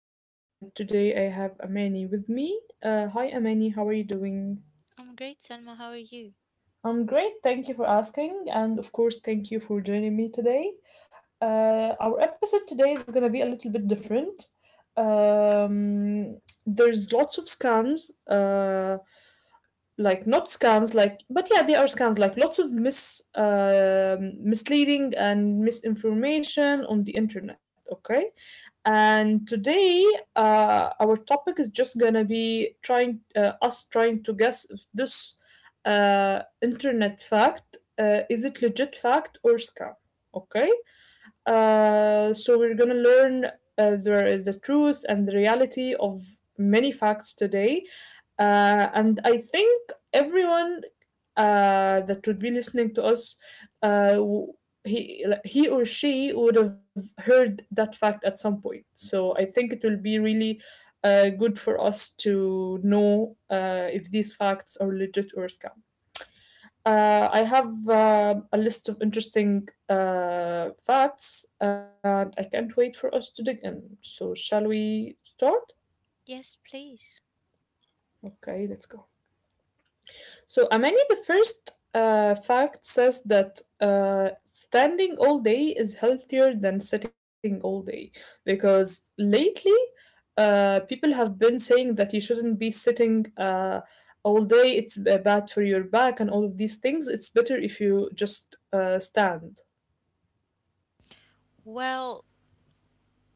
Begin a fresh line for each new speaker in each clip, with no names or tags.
Today I have Amani with me. Hi, Amani. How are you doing?
I'm great, Selma. How are you?
I'm great. Thank you for asking, and of course, thank you for joining me today. Our episode today is gonna be a little bit different. There's lots of scams. Like not scams, like but yeah, they are scams. Like lots of misleading and misinformation on the internet. Okay, and today, our topic is just gonna be trying us trying to guess if this internet fact is it legit fact or scam. Okay. So we're gonna learn the truth and the reality of many facts today, and I think everyone that would be listening to us, uh, w- he like, he or she would have heard that fact at some point. So I think it will be really good for us to know if these facts are legit or scam. I have a list of interesting facts, and I can't wait for us to dig in. So, shall we start?
Yes, please.
Okay, let's go. So, Amani, the first fact says that standing all day is healthier than sitting all day because lately people have been saying that you shouldn't be sitting all day, it's bad for your back and all of these things. It's better if you just stand.
Well,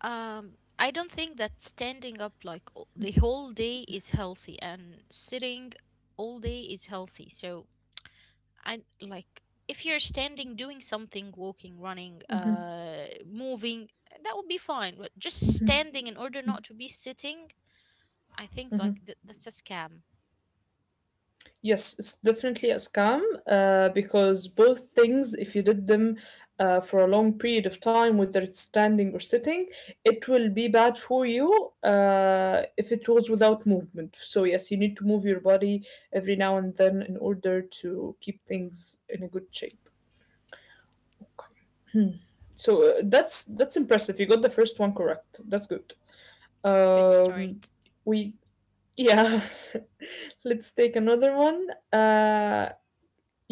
I don't think that standing up like the whole day is healthy, and sitting all day is healthy. So I like if you're standing, doing something, walking, running, moving, that would be fine. But just standing in order not to be sitting, I think like that's a scam.
Yes, it's definitely a scam because both things, if you did them for a long period of time, whether it's standing or sitting, it will be bad for you if it was without movement. So, yes, you need to move your body every now and then in order to keep things in a good shape. Hmm. So that's impressive. You got the first one correct. That's good.
Good
Um,
start.
we yeah. Let's take another one.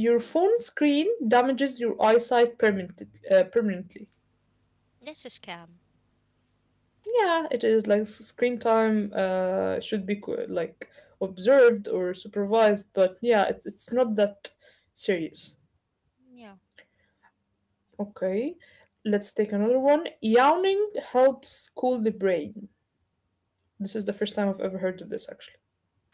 Your phone screen damages your eyesight permanently.
That's a scam.
Yeah, it is like screen time should be like observed or supervised, but yeah, it's not that serious.
Yeah.
Okay, let's take another one. Yawning helps cool the brain. This is the first time I've ever heard of this actually.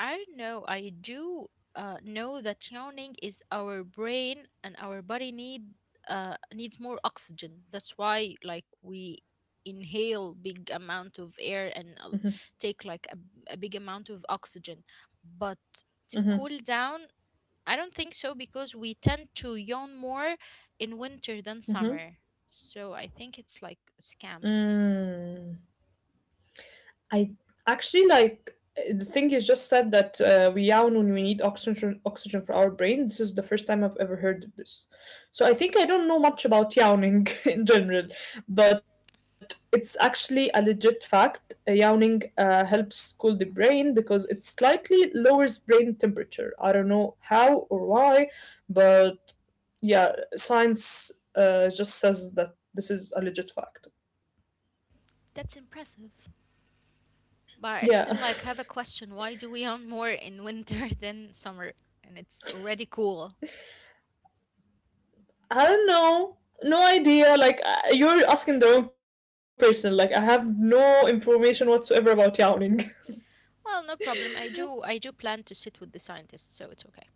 I don't know. I do know that yawning is our brain and our body needs more oxygen. That's why, like, we inhale big amount of air and take like a big amount of oxygen. But to
Mm-hmm.
cool down, I don't think so because we tend to yawn more in winter than summer. So I think it's like a scam.
Mm. I actually like the thing you just said that we yawn when we need oxygen for our brain. This is the first time I've ever heard of this. So I think I don't know much about yawning in general, but it's actually a legit fact. Yawning helps cool the brain because it slightly lowers brain temperature. I don't know how or why, but yeah, science just says that this is a legit fact.
That's impressive. But I
Yeah.
still like have a question. Why do we hunt more in winter than summer? And it's already cool.
I don't know. No idea. Like you're asking the wrong person. Like I have no information whatsoever about yawning.
Well, no problem. I do plan to sit with the scientists, so it's okay.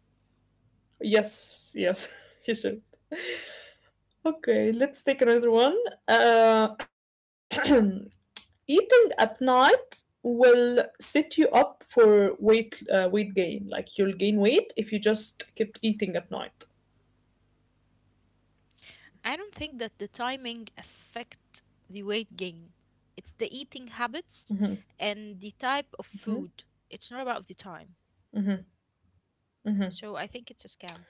Yes, yes, you should. Okay, let's take another one. Uh, eating at night will set you up for weight gain. Like you'll gain weight if you just kept eating at night.
I don't think that the timing affect the weight gain. It's the eating habits
Hmm.
and the type of
Hmm.
food. It's not about the time.
Hmm.
So I think it's a scam.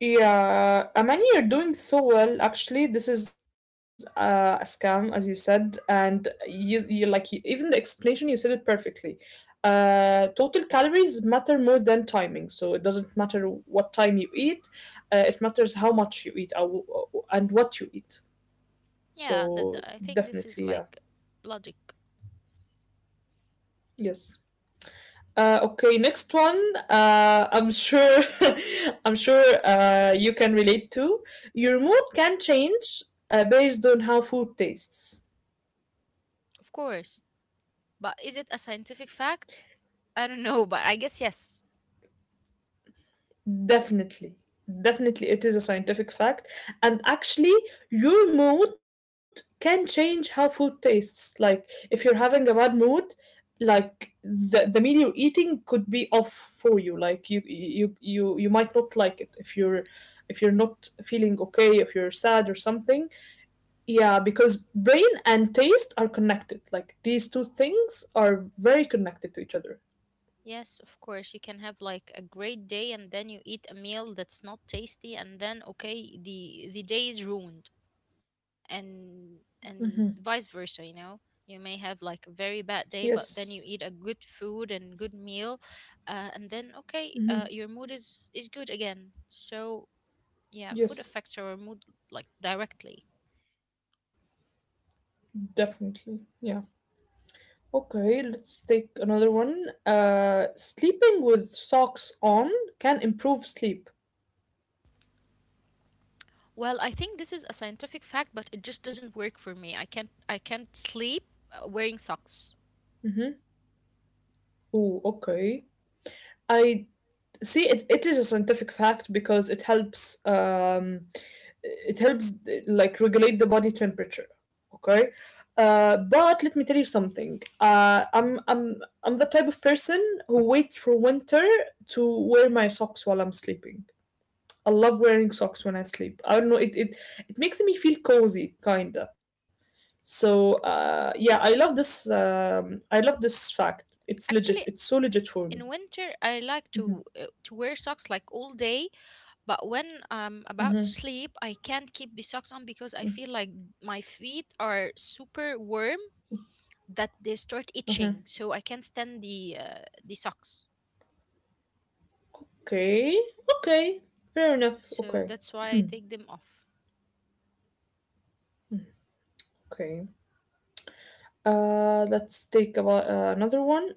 Yeah, Amani, you're doing so well. Actually, this is a scam, as you said, and you like you, even the explanation you said it perfectly. Total calories matter more than timing, so it doesn't matter what time you eat. It matters how much you eat and what you eat. So
Yeah, that I
definitely, yeah,
think this is like logic.
yes. Okay, next one. I'm sure, I'm sure you can relate to. Your mood can change based on how food tastes.
Of course. But is it a scientific fact? I don't know, but I guess yes.
Definitely, definitely, it is a scientific fact. And actually, your mood can change how food tastes. Like if you're having a bad mood, like the meal you're eating could be off for you. Like you might not like it if you're not feeling okay, if you're sad or something, yeah, because brain and taste are connected. Like these two things are very connected to each other.
Yes, of course. You can have like a great day and then you eat a meal that's not tasty and then okay, the day is ruined and vice versa, you know. You may have like a very bad day, but then
Yes.
you eat a good food and good meal, and then okay,
Mhm.
your mood is good again. So yeah, food
Yes,
affects our mood like directly.
definitely. Yeah. Okay, let's take another one. Sleeping with socks on can improve sleep.
Well, I think this is a scientific fact, but it just doesn't work for me. I can't sleep wearing socks.
Mm-hmm. Oh, okay. I see, it is a scientific fact because it helps like regulate the body temperature, okay, but let me tell you something, I'm the type of person who waits for winter to wear my socks while I'm sleeping. I love wearing socks when I sleep. I don't know, it makes me feel cozy kinda. So yeah, I love this, I love this fact. It's legit,
Actually,
it's so legit for me.
in winter I like to wear socks like all day, but when I'm about to
Hmm.
sleep, I can't keep the socks on because I feel like my feet are super warm that they start itching,
Hmm.
so I can't stand the socks.
Okay. Okay, fair enough.
So
Okay.
that's why I take them off.
Okay. Let's take about another one.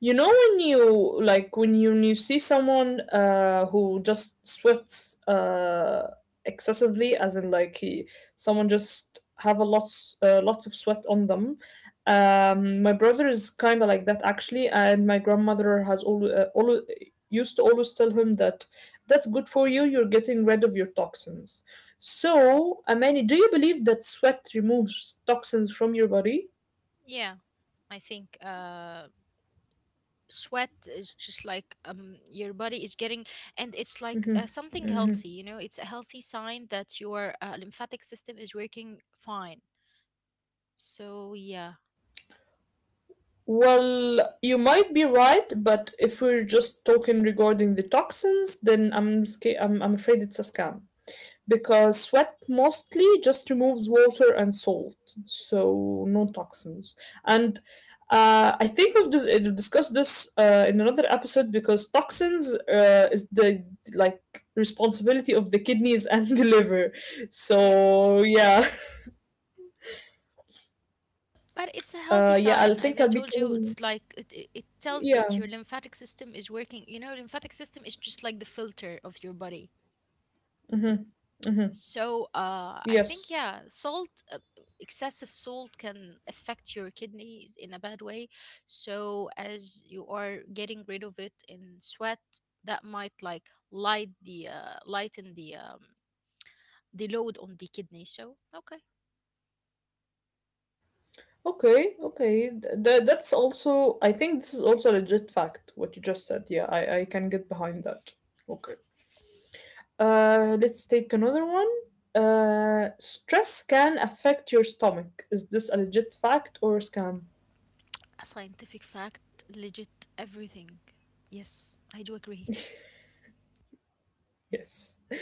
You know when you like when you see someone who just sweats excessively, as in like he someone just have a lots of sweat on them. My brother is kind of like that actually, and my grandmother has always used to always tell him that that's good for you. You're getting rid of your toxins. So, Amani, do you believe that sweat removes toxins from your body?
Yeah, I think sweat is just like your body is getting and it's like
Mhm,
something
mhm.
healthy. It's a healthy sign that your lymphatic system is working fine, so yeah.
Well, you might be right, but if we're just talking regarding the toxins, then I'm afraid it's a scam because sweat mostly just removes water and salt, so no toxins. And I think discussed this in another episode because toxins is the like responsibility of the kidneys and the liver.
Yeah,
So yeah,
but it's a healthy
yeah, I
sign.
think
As I
I'll be
told you,
telling
it's like it tells that
yeah.
your lymphatic system is working. You know, lymphatic system is just like the filter of your body.
Mm-hmm. Mm-hmm.
So, I think
Yes.
yeah, excessive salt can affect your kidneys in a bad way. So, as you are getting rid of it in sweat, that might like lighten the load on the kidney. So, okay,
Okay, okay. That's also, I think this is also a legit fact, what you just said. Yeah, I can get behind that. Okay. Let's take another one. Stress can affect your stomach. Is this a legit fact or a scam?
a scientific fact, legit everything. Yes, I do agree.
Yes.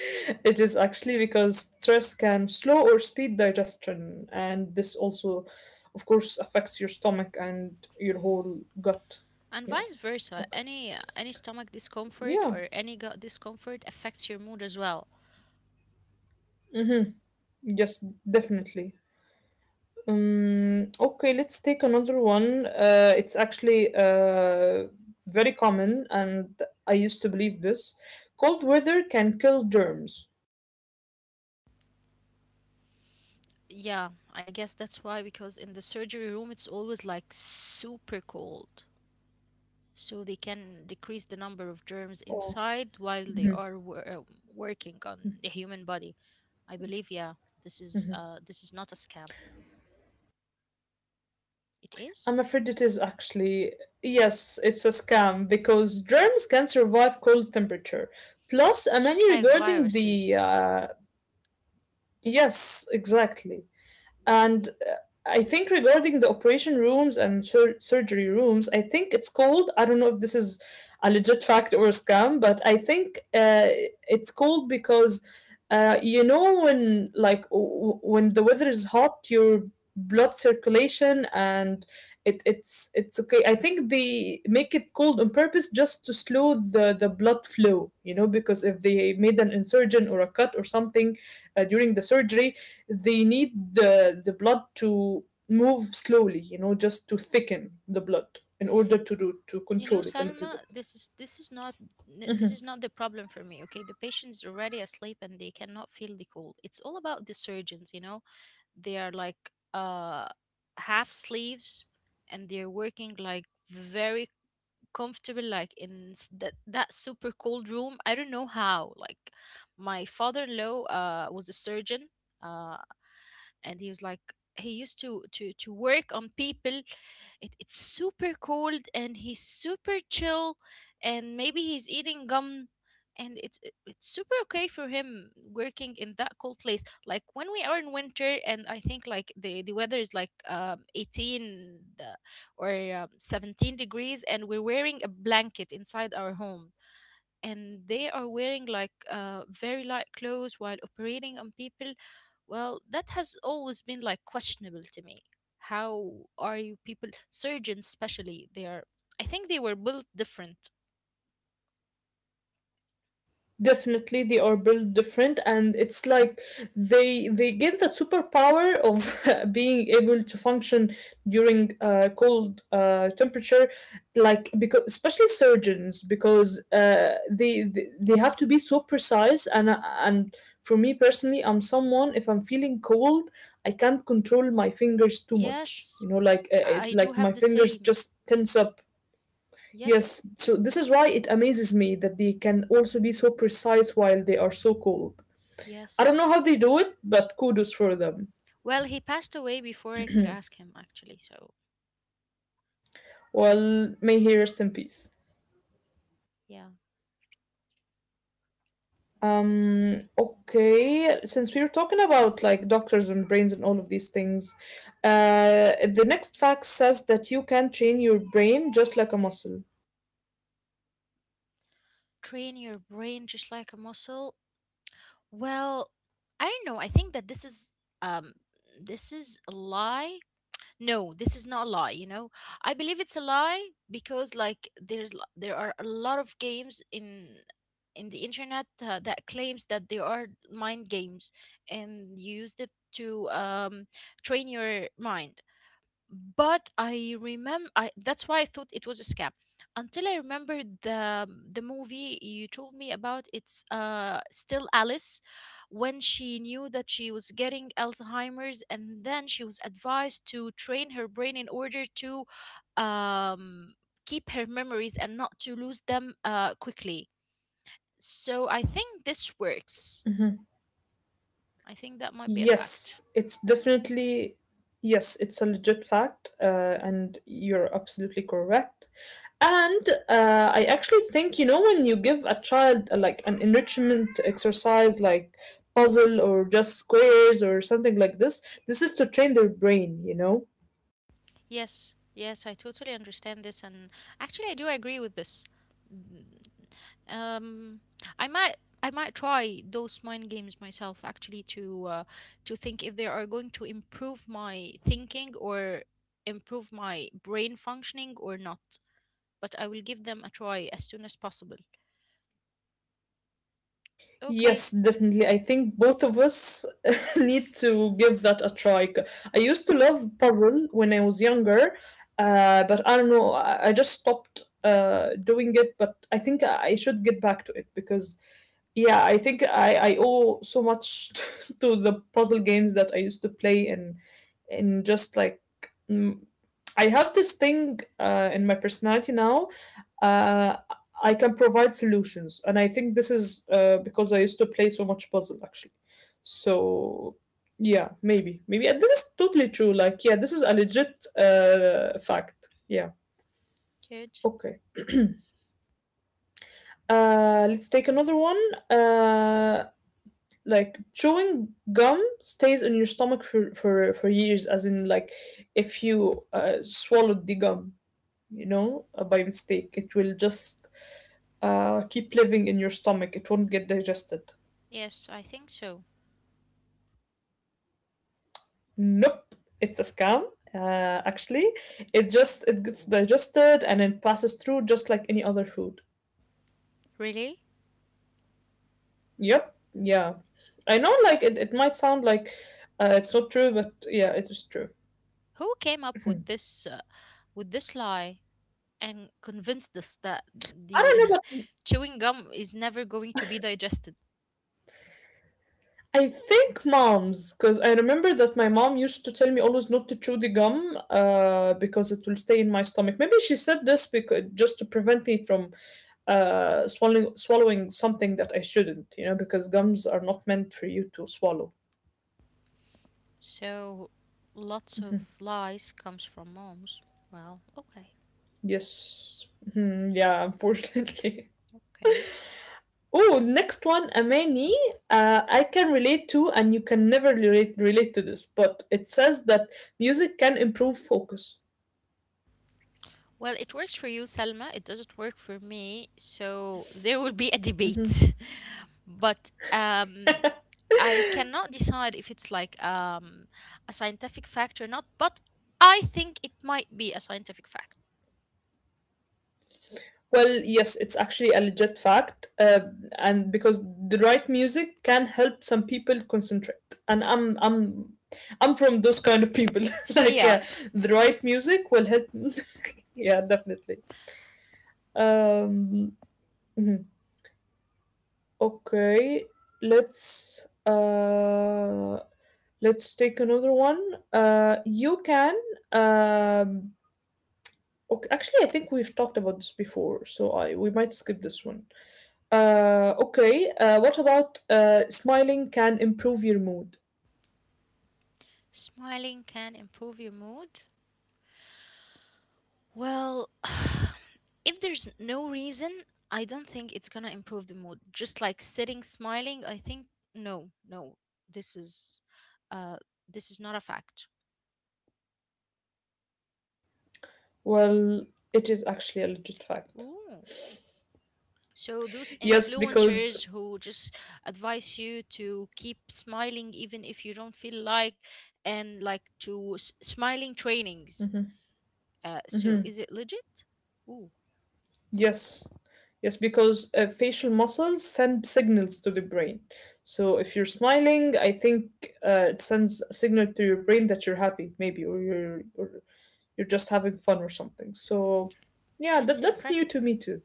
It is actually because stress can slow or speed digestion, and this also, of course, affects your stomach and your whole gut.
And
Yeah,
vice versa
okay.
any stomach discomfort
Yeah.
or any gut discomfort affects your mood as well.
Mm-hmm. Yes, definitely. Okay, let's take another one. It's actually very common, and I used to believe this. Cold weather can kill germs.
Yeah, I guess that's why, because in the surgery room it's always like super cold, so they can decrease the number of germs
Oh,
inside while they
mhm,
are working on the human body. I believe, yeah, this is
mhm.
uh this is not a scam. It is
I'm afraid it is actually. Yes, it's a scam because germs can survive cold temperature. Plus, a
just
many
like
regarding the.
viruses.
Yes, exactly. And
Okay.
I think regarding the operation rooms and surgery rooms, I think it's called, I don't know if this is a legit fact or a scam, but I think it's called because you know when like when the weather is hot, your blood circulation and it's okay. I think they make it cold on purpose just to slow the blood flow, you know, because if they made an insurgent or a cut or something during the surgery, they need the blood to move slowly, you know, just to thicken the blood in order to do to
You know,
control it a little
Salma,
bit.
this is not the problem for me. Okay, the patient's already asleep and they cannot feel the cold. It's all about the surgeons. You know, they are like
Mhm.
half sleeves, and they're working like very comfortable, like in s- that that super cold room. I don't know how. Like, my father-in-law was a surgeon, uh, and he was like he used to work on people. It's super cold and he's super chill. And maybe he's eating gum, and it's super okay for him working in that cold place, like when we are in winter. And I think like the weather is like 18 or 17 degrees, and we're wearing a blanket inside our home, and they are wearing like very light clothes while operating on people. Well, that has always been like questionable to me. How are you people, surgeons especially, they are, I think they were built different.
Definitely, they are built different, and it's like they get the superpower of being able to function during cold temperature, like because especially surgeons because they have to be so precise and for me personally, I'm someone if I'm feeling cold, I can't control my fingers too much.
Yes,
You know,
I do
like
have
my
the
fingers
same.
just tense up.
Yes,
Yes, so this is why it amazes me that they can also be so precise while they are so cold. I don't
yes.
know how they do it, but kudos for them.
Well, he passed away before I could ask him, actually, so
Well, may he rest in peace.
yeah.
Okay, since we were talking about like doctors and brains and all of these things, the next fact says that you can train your brain just like a muscle.
Train your brain just like a muscle. Well, I don't know. I think that um this is a lie. No, this is not a lie. I believe it's a lie because, like, there are a lot of games in the internet that claims that they are mind games, and you use it to train your mind. But I remember, I that's why I thought it was a scam, until I remembered the movie you told me about, it's Still Alice, when she knew that she was getting Alzheimer's, and then she was advised to train her brain in order to um keep her memories and not to lose them quickly. So I think this works.
Mm-hmm.
I think that might be a fact.
Yes, it's definitely yes, it's a legit fact, and you're absolutely correct. And I actually think you know when you give a child like an enrichment exercise, like puzzle or just squares or something like this is to train their brain. You know.
Yes, yes, I totally understand this, and actually, I do agree with this. Mm, Um, I might, I might try those mind games myself, actually, to think if they are going to improve my thinking or improve my brain functioning or not. But I will give them a try as soon as possible. Okay,
Yes, definitely. I think both of us need to give that a try. C- I used to love puzzle when I was younger, but I don't know. I just stopped doing it. But I think I should get back to it because, yeah, I think I owe so much to the puzzle games that I used to play and just like mm, I have this thing in my personality now. Uh. I can provide solutions. And I think this is because I used to play so much puzzle, actually. So, yeah, maybe. Maybe. And this is totally true. Like, yeah, this is a legit fact. Yeah.
good.
Okay. Let's take another one. Uh, like, chewing gum stays in your stomach for years, as in, like, if you swallowed the gum, by mistake, it will just keep living in your stomach. It won't get digested.
Yes, I think so.
Nope, it's a scam. Actually, it gets digested and it passes through just like any other food.
Really?
Yep, yeah. I know, like it might sound like it's not true, but yeah, it is true.
Who came up with
Mhm.
this lie? And convinced us that
I
the
don't know, but
chewing gum is never going to be digested.
I think moms, because I remember that my mom used to tell me always not to chew the gum, because it will stay in my stomach. Maybe she said this because just to prevent me from swallowing something that I shouldn't, because gums are not meant for you to swallow.
So lots of lies comes from moms. Well, okay,
Yes. Mhm, yeah, unfortunately.
okay.
Oh, next one, Amani. I can relate to, and you can never relate to this, but it says that music can improve focus.
Well, it works for you, Salma. It doesn't work for me. So there will be a
Mhm.
debate. But I cannot decide if it's like a scientific fact or not. But I think it might be a scientific fact.
Well, yes, it's actually a legit fact, and because the right music can help some people concentrate, and I'm from those kind of people. Like,
Yeah.
yeah, the right music will help. Yeah, definitely. Um, mhm. Okay, let's uh let's take another one. You can um okay, actually I think we've talked about this before, so I we might skip this one. Okay, what about smiling can improve your mood?
Smiling can improve your mood. Well, if there's no reason, I don't think it's gonna improve the mood. Just like sitting smiling, I think no, no, this is, uh, this is not a fact.
Well, it is actually a legit fact.
Ooh. So those
Yes, because
influencers who just advise you to keep smiling even if you don't feel like, and like to smiling trainings. So is it legit? Ooh.
Yes. Yes, because facial muscles send signals to the brain. So if you're smiling, I think it sends a signal to your brain that you're happy, maybe, or you're just having fun or something. So yeah,
That's
that's new
impressive.
to me too.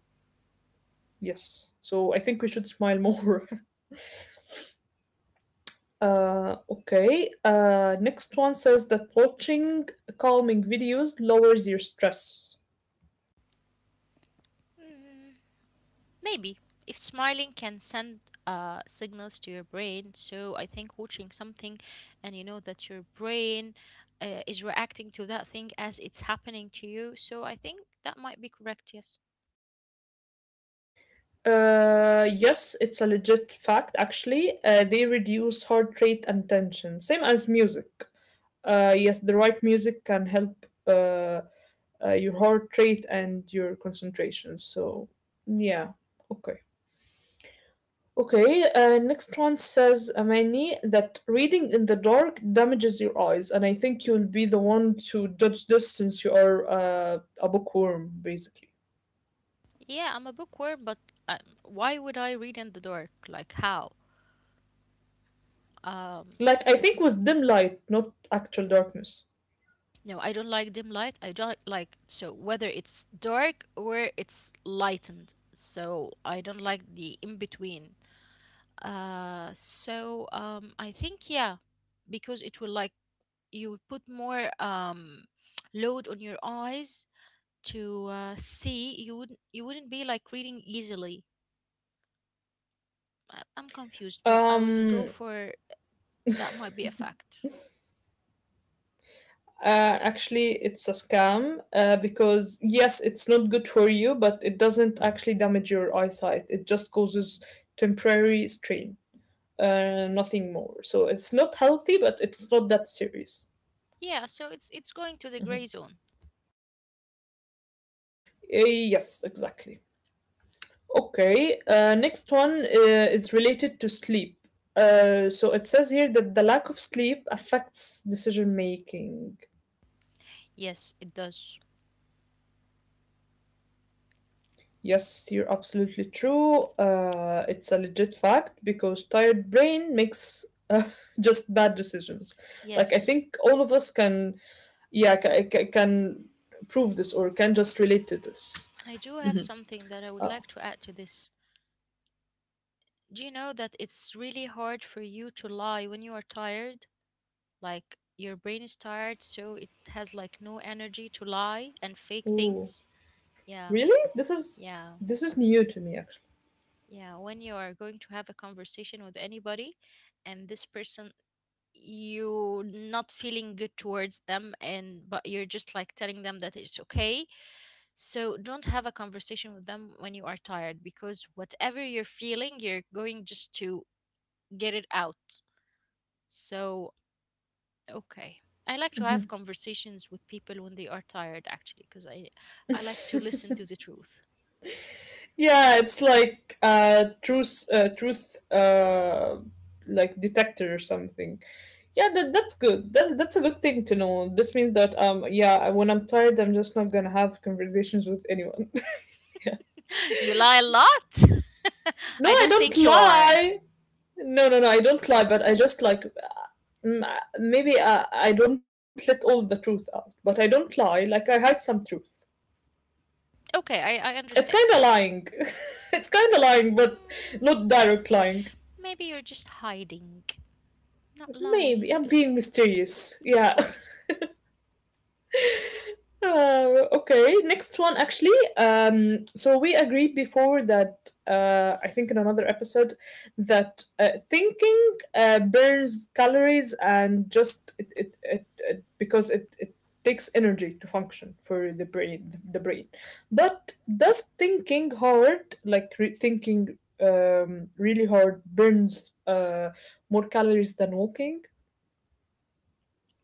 Yes. So I think we should smile more. Okay. Next one says that watching calming videos lowers your stress.
Mm, Maybe. If smiling can send signals to your brain, so I think watching something and you know that your brain is reacting to that thing as it's happening to you, so I think that might be correct, yes.
Yes, it's a legit fact, actually. They reduce heart rate and tension, same as music. Yes, the right music can help your heart rate and your concentration. So, yeah, okay. Okay, next one says, Amani, that reading in the dark damages your eyes. And I think you'll be the one to judge this since you are a bookworm, basically.
Yeah, I'm a bookworm, but why would I read in the dark? Like, how? Um,
Like, I think with dim light, not actual darkness.
No, I don't like dim light. I don't like so whether it's dark or it's lightened. So I don't like the in between. So I think yeah, because it will like you would put more load on your eyes to see. You wouldn't be like reading easily. I'm confused, but I will go
Um,
for that might be a fact.
uh, Actually, it's a scam because yes, it's not good for you, but it doesn't actually damage your eyesight. It just causes temporary strain, nothing more. So it's not healthy, but it's not that serious.
Yeah, so it's going to the
Mhm.
gray zone.
Yes, exactly. Okay, next one is related to sleep. So it says here that the lack of sleep affects decision making.
Yes, it does.
Yes, you're absolutely true. It's a legit fact because tired brain makes uh, just bad decisions. Like I
Yes.
think all of us can, yeah, can prove this or can just relate to this.
And I do have
Hmm.
something that I would like to add to this. Do you know that it's really hard for you to lie when you are tired? Like your brain is tired, so it has like no energy to lie and fake
Oh,
things. Yeah,
really?
yeah,
This is new to me actually.
yeah. When you are going to have a conversation with anybody and this person you not feeling good towards them and but you're just like telling them that it's okay, so don't have a conversation with them when you are tired because whatever you're feeling, you're going just to get it out. So, okay. I like to have conversations with people when they are tired actually because I like to listen to the truth.
Yeah, it's like a truth, like detector or something. Yeah, that's good. That's a good thing to know. This means that yeah, when I'm tired, I'm just not gonna have conversations with anyone.
You lie a lot.
No,
I
I
don't
don't
think you are.
lie. No, no, no, I don't lie. But I just like maybe I don't let all the truth out, but I don't lie. Like I hide some truth.
Okay, I
It's
understand.
kind of lying. It's kind of lying, but
Hmm.
not direct lying.
Maybe you're just hiding, not
Maybe
lying.
I'm being mysterious.
Of
Yeah.
course.
Okay, next one actually. So we agreed before that I think in another episode that thinking burns calories and just it because it takes energy to function for the brain. But does thinking hard, like thinking really hard, burns more calories than walking?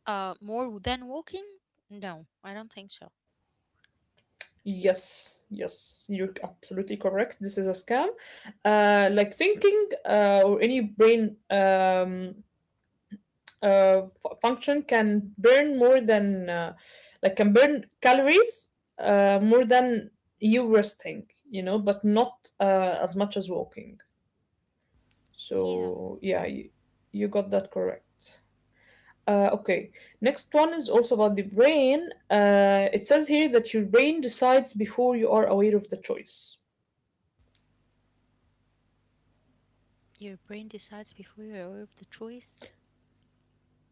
More than walking? No, I don't think so.
Yes, yes, you're absolutely correct. This is a scam. Like thinking or any brain function can burn more than, like, can burn calories more than you resting, but not as much as walking.
Yeah,
So, yeah, you got that correct. Okay, next one is also about the brain. It says here that your brain decides before you are aware of the choice.
your brain decides before you're aware of the choice.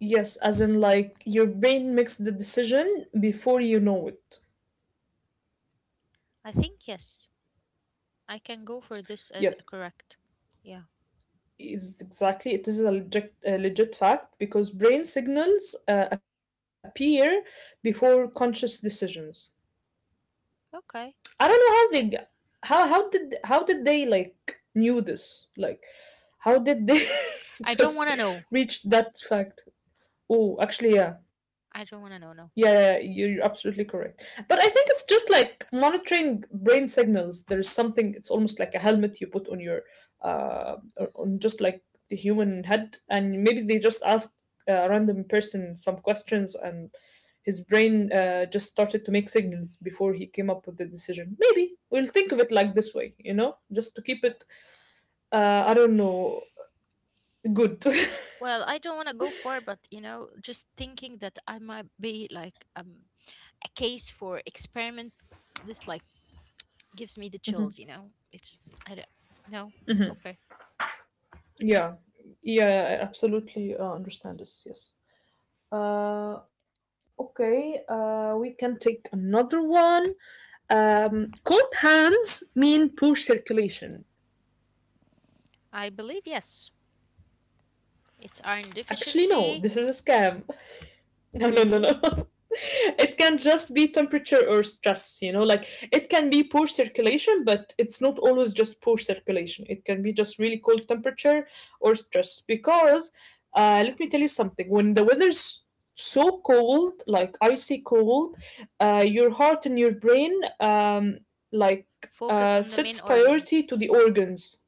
Yes, as
S-
in like your brain makes the decision before you know it.
I think yes. I can go for this as a
Yes,
correct. Yeah.
is exactly. It is a legit fact because brain signals appear before conscious decisions.
Okay.
I don't know how they, how did they like knew this? Like, how did they
I don't want to know.
just reach that fact? Oh, actually, yeah.
I don't want to know. No.
Yeah, yeah, yeah, you're absolutely correct. But I think it's just like monitoring brain signals. There is something, it's almost like a helmet you put on just like the human head. And maybe they just asked a random person some questions and his brain just started to make signals before he came up with the decision. Maybe we'll think of it like this way, just to keep
Oh,
it, I don't know, good.
well, I don't want to go far, but just thinking that I might be like a case for experiment, this like gives me the
Mhm.
chills. You know, it's I don't no okay.
Yeah. Yeah, I absolutely understand this. Yes. Okay, we can take another one. Cold hands mean poor circulation.
I believe yes. It's iron
Actually, no,
deficiency.
this is a scam. No, no, no, no.
Really?
It can just be temperature or stress, like it can be poor circulation, but it's not always just poor circulation. It can be just really cold temperature or stress. Because let me tell you something when the weather's so cold, like icy cold, your heart and your brain, um, like,
Focus on the
sets
main
priority
organs.
to the organs.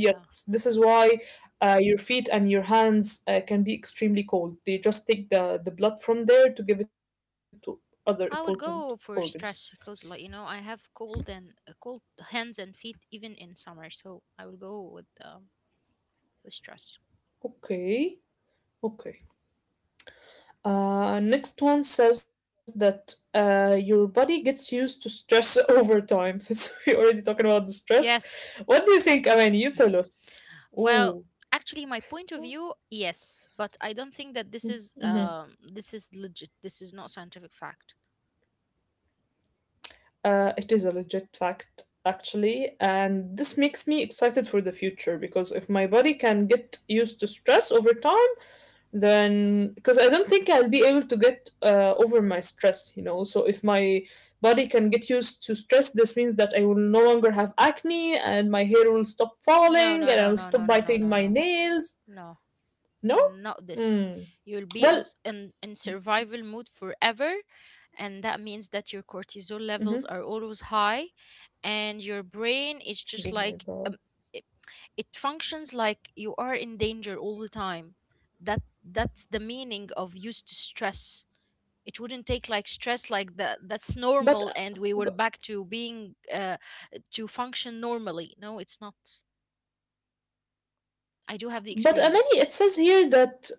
Yeah.
this is why your feet and your hands can be extremely cold. They just take the blood from there to give it to other important
I will
organs.
go for stress because, like I have cold hands and feet even in summer. So I will go with with stress.
Okay, okay. Next one says that your body gets used to stress over time. Since we're already talking about the stress,
Yes.
what do you think, Aman? You tell us. Ooh.
Well, actually, my point of view, yes, but I don't think that
Mhm.
this is legit. This is not scientific fact.
It is a legit fact, actually, and this makes me excited for the future because if my body can get used to stress over time, then because I don't think I'll be able to get over my stress. So if my body can get used to stress, this means that I will no longer have acne and my hair will stop
No,
falling
no,
and
no,
I'll
no,
stop
no, no, no,
biting
no,
my
no,
nails.
no,
No?
not this.
Hmm.
You'll be on
Well,
in survival mode forever, and that means that your
hmm
cortisol levels are always high, and your brain is
oh
just
my
like
God.
it, it functions like you are in danger all the time. That's the meaning of used to stress. It wouldn't take like stress like that.
But,
That's
uh, but,
normal and we were back to being to function normally. No, it's not. I do have the
but Amani,
experience.
it says here that.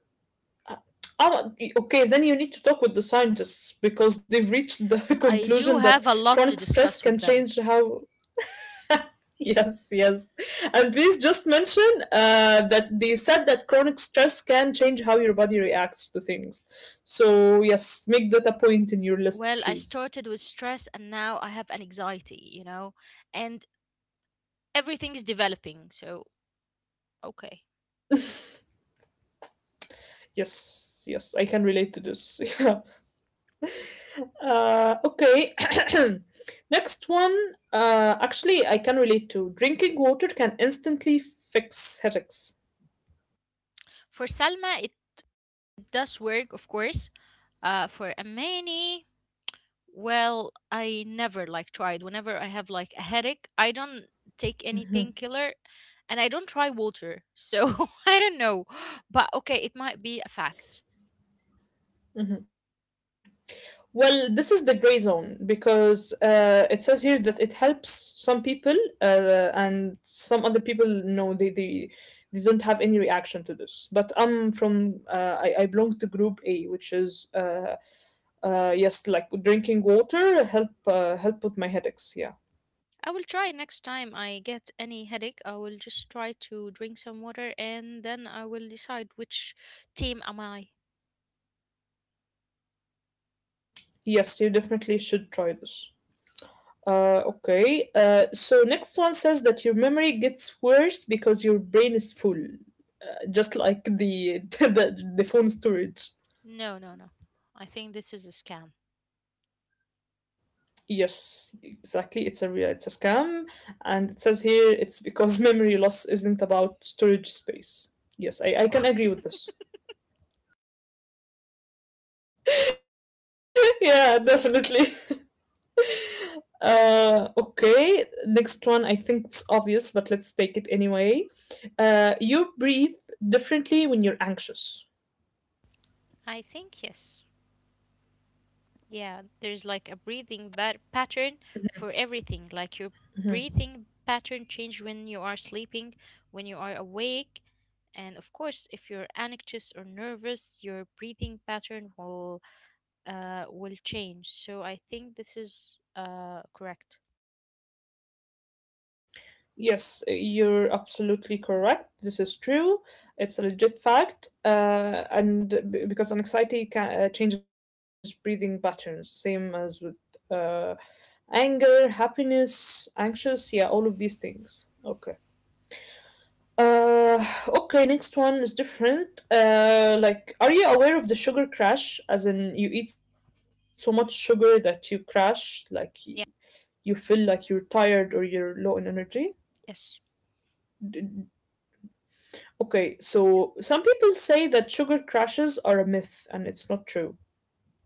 uh, Okay, then you need to talk with the scientists because they've reached the
I
conclusion
do
that
have a lot
chronic
to
stress
discuss
can
with
change
them.
how Yes, yes. And please just mention that they said that chronic stress can change how your body reacts to things. So, yes, make that a point in your list,
Well, I
please.
started with stress and now I have an anxiety, you know, and everything is developing, so okay.
Yes, yes, I can relate to this. Yeah. Okay. Next one. Actually, I can relate to drinking water can instantly fix headaches.
For Salma, it does work, of course. For Amani, well, I never like tried. Whenever I have like a headache, I don't take any painkiller
Mhm,
and I don't try water. So I don't know. But okay, it might be a fact.
mhm. Well, this is the gray zone because it says here that it helps some people and some other people no they don't have any reaction to this. But I belong to group A, which is yes, like drinking water help with my headaches. Yeah,
I will try next time I get any headache. I will just try to drink some water and then I will decide which team am I.
yes, you definitely should try this. Okay. So next one says that your memory gets worse because your brain is full, just like the, the phone storage.
No, no, no. I think this is a scam.
Yes, exactly. It's a scam, and it says here it's because memory loss isn't about storage space.
Of
Yes,
course.
I can agree with this. Yeah, definitely. Okay. Next one, I think it's obvious, but let's take it anyway. You breathe differently when you're anxious.
I think yes. Yeah, there's like a
Yes,
pattern for everything. Like your
Mhm.
breathing pattern change when you are sleeping, when you are awake, and of course, if you're anxious or nervous, your breathing pattern will change. So I think this is correct.
Yes, you're absolutely correct. This is true. It's a legit fact. And because anxiety changes breathing patterns, same as with uh, anger, happiness, anxious, yeah, all of these things. Okay. Okay, next one is different. Like, are you aware of the sugar crash? As in, you eat so much sugar that you crash, like
Yeah.
you feel like you're tired or you're low in energy.
Yes.
D- Okay, so some people say that sugar crashes are a myth and it's not true.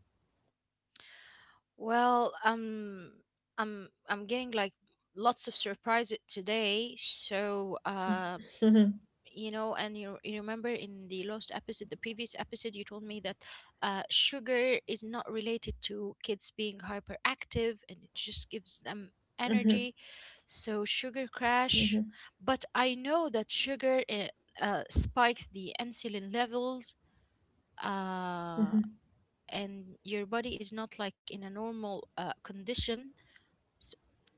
Well, I'm getting like lots of surprises today. So
Mhm,
you know, and you remember in the previous episode, you told me that sugar is not related to kids being hyperactive and it just gives them energy,
mhm,
so sugar crash.
mhm,
But I know that sugar spikes the insulin levels uh, and your body is not like in a normal condition.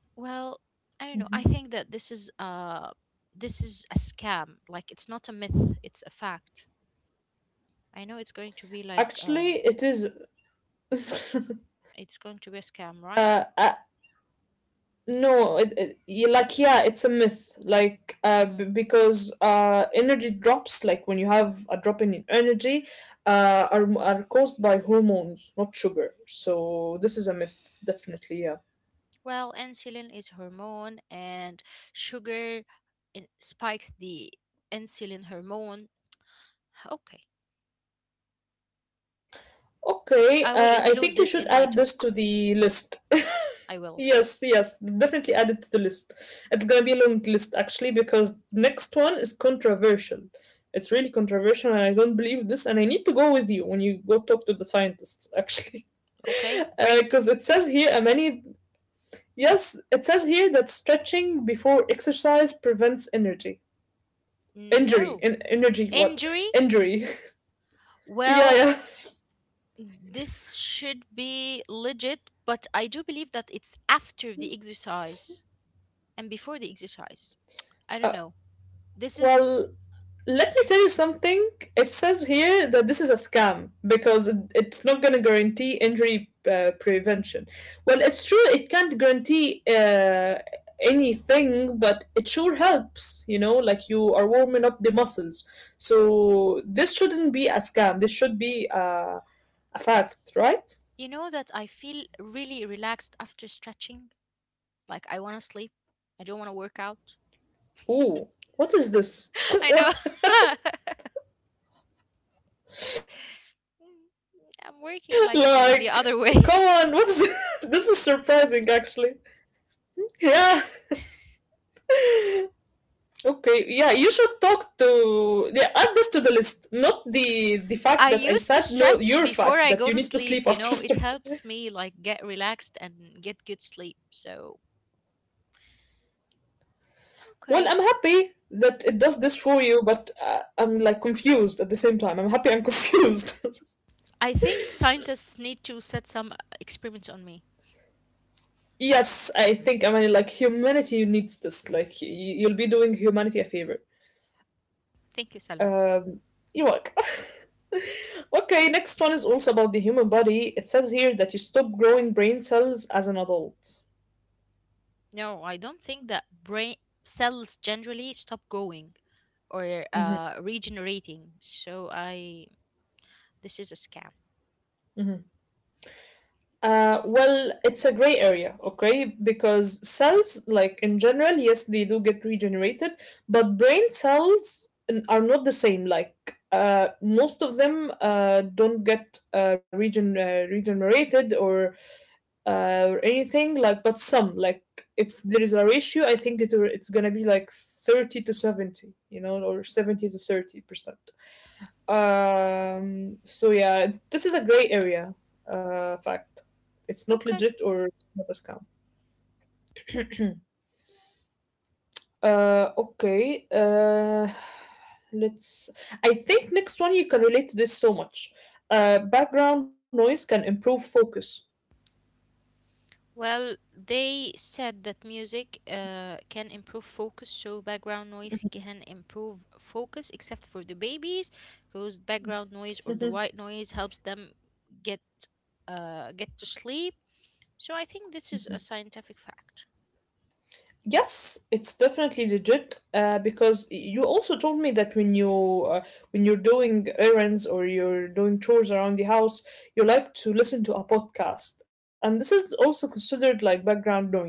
Well, I
mhm.
don't know. I think that this is a scam. Like it's not a myth, it's a fact. I know it's going to be like
Actually, it is.
it's going to be a scam, right?
uh, uh, no, like, yeah, it's a myth. Like,
Hmm.
because energy drops, like when you have a drop in energy, are caused by hormones, not sugar. So, this is a myth, definitely, yeah.
Well, insulin is hormone and sugar spikes the insulin hormone. Okay.
Okay,
I will
I
include
think you
this
should
in my
add this to
talk.
the list.
I will.
Yes, yes, definitely add it to the list. It's gonna be a long list actually because next one is controversial. It's really controversial, and I don't believe this. And I need to go with you when you go talk to the scientists actually,
Okay, great.
because it says here, many. Yes, it says here that stretching before exercise prevents energy injury
No.
and energy what
Injury?
injury. Yeah,
Well,
yeah.
this should be legit, but I do believe that it's after the exercise and before the exercise. I don't
Uh,
know. This is,
well, Let me tell you something. It says here that this is a scam because it's not going to guarantee injury prevention. Well, it's true, it can't guarantee anything, but it sure helps, like you are warming up the muscles. So this shouldn't be a scam. This should be a fact, right?
you know, that I feel really relaxed after stretching. Like, I want to sleep. I don't want to work out.
Ooh, what is this?
I know.
What- like, come
I'm
on, what is
working
this?
like the,
This
the
is
other way.
surprising, actually. Yeah. Okay, yeah, you should talk to, yeah, add this to the list. Not the fact that I said, no, your
I
fact that you
used to
need to sleep
stretch
after
before I
stretching.
go to sleep, you know, it helps me like get relaxed and get good sleep. So,
Well, I'm happy
okay.
that it does this for you, but I'm like confused at the same time. I'm happy and confused.
I think scientists need to set some experiments on me.
Yes, I think I mean like humanity needs this. Like you'll be doing humanity a favor.
Thank you, Salma.
Um, you're welcome. Okay, next one is also about the human body. It says here that you stop growing brain cells as an adult.
No, I don't think that brain cells generally stop growing or
Mm-hmm.
regenerating. So I this is a scam.
Mhm. Well, it's a gray area, okay? Because cells, like in general, yes, they do get regenerated, but brain cells are not the same. Like most of them don't get regenerated or anything. Like, but some, like if there is a ratio, I think it's gonna be like 30 to 70, or 70-30%. So yeah, this is a gray area fact. It's not
Okay.
legit or it's not a scam. Okay. Let's. I think next one you can relate to this so much. Background noise can improve focus.
Well, they said that music can improve focus, so background noise can improve focus, except for the babies, because background noise or the
Mhm.
white noise helps them get get to sleep. So I think this is a scientific fact.
Yes, it's definitely legit. Because you also told me that uh, when you're doing errands or you're doing chores around the house, you like to listen to a podcast, and this is also considered like background noise.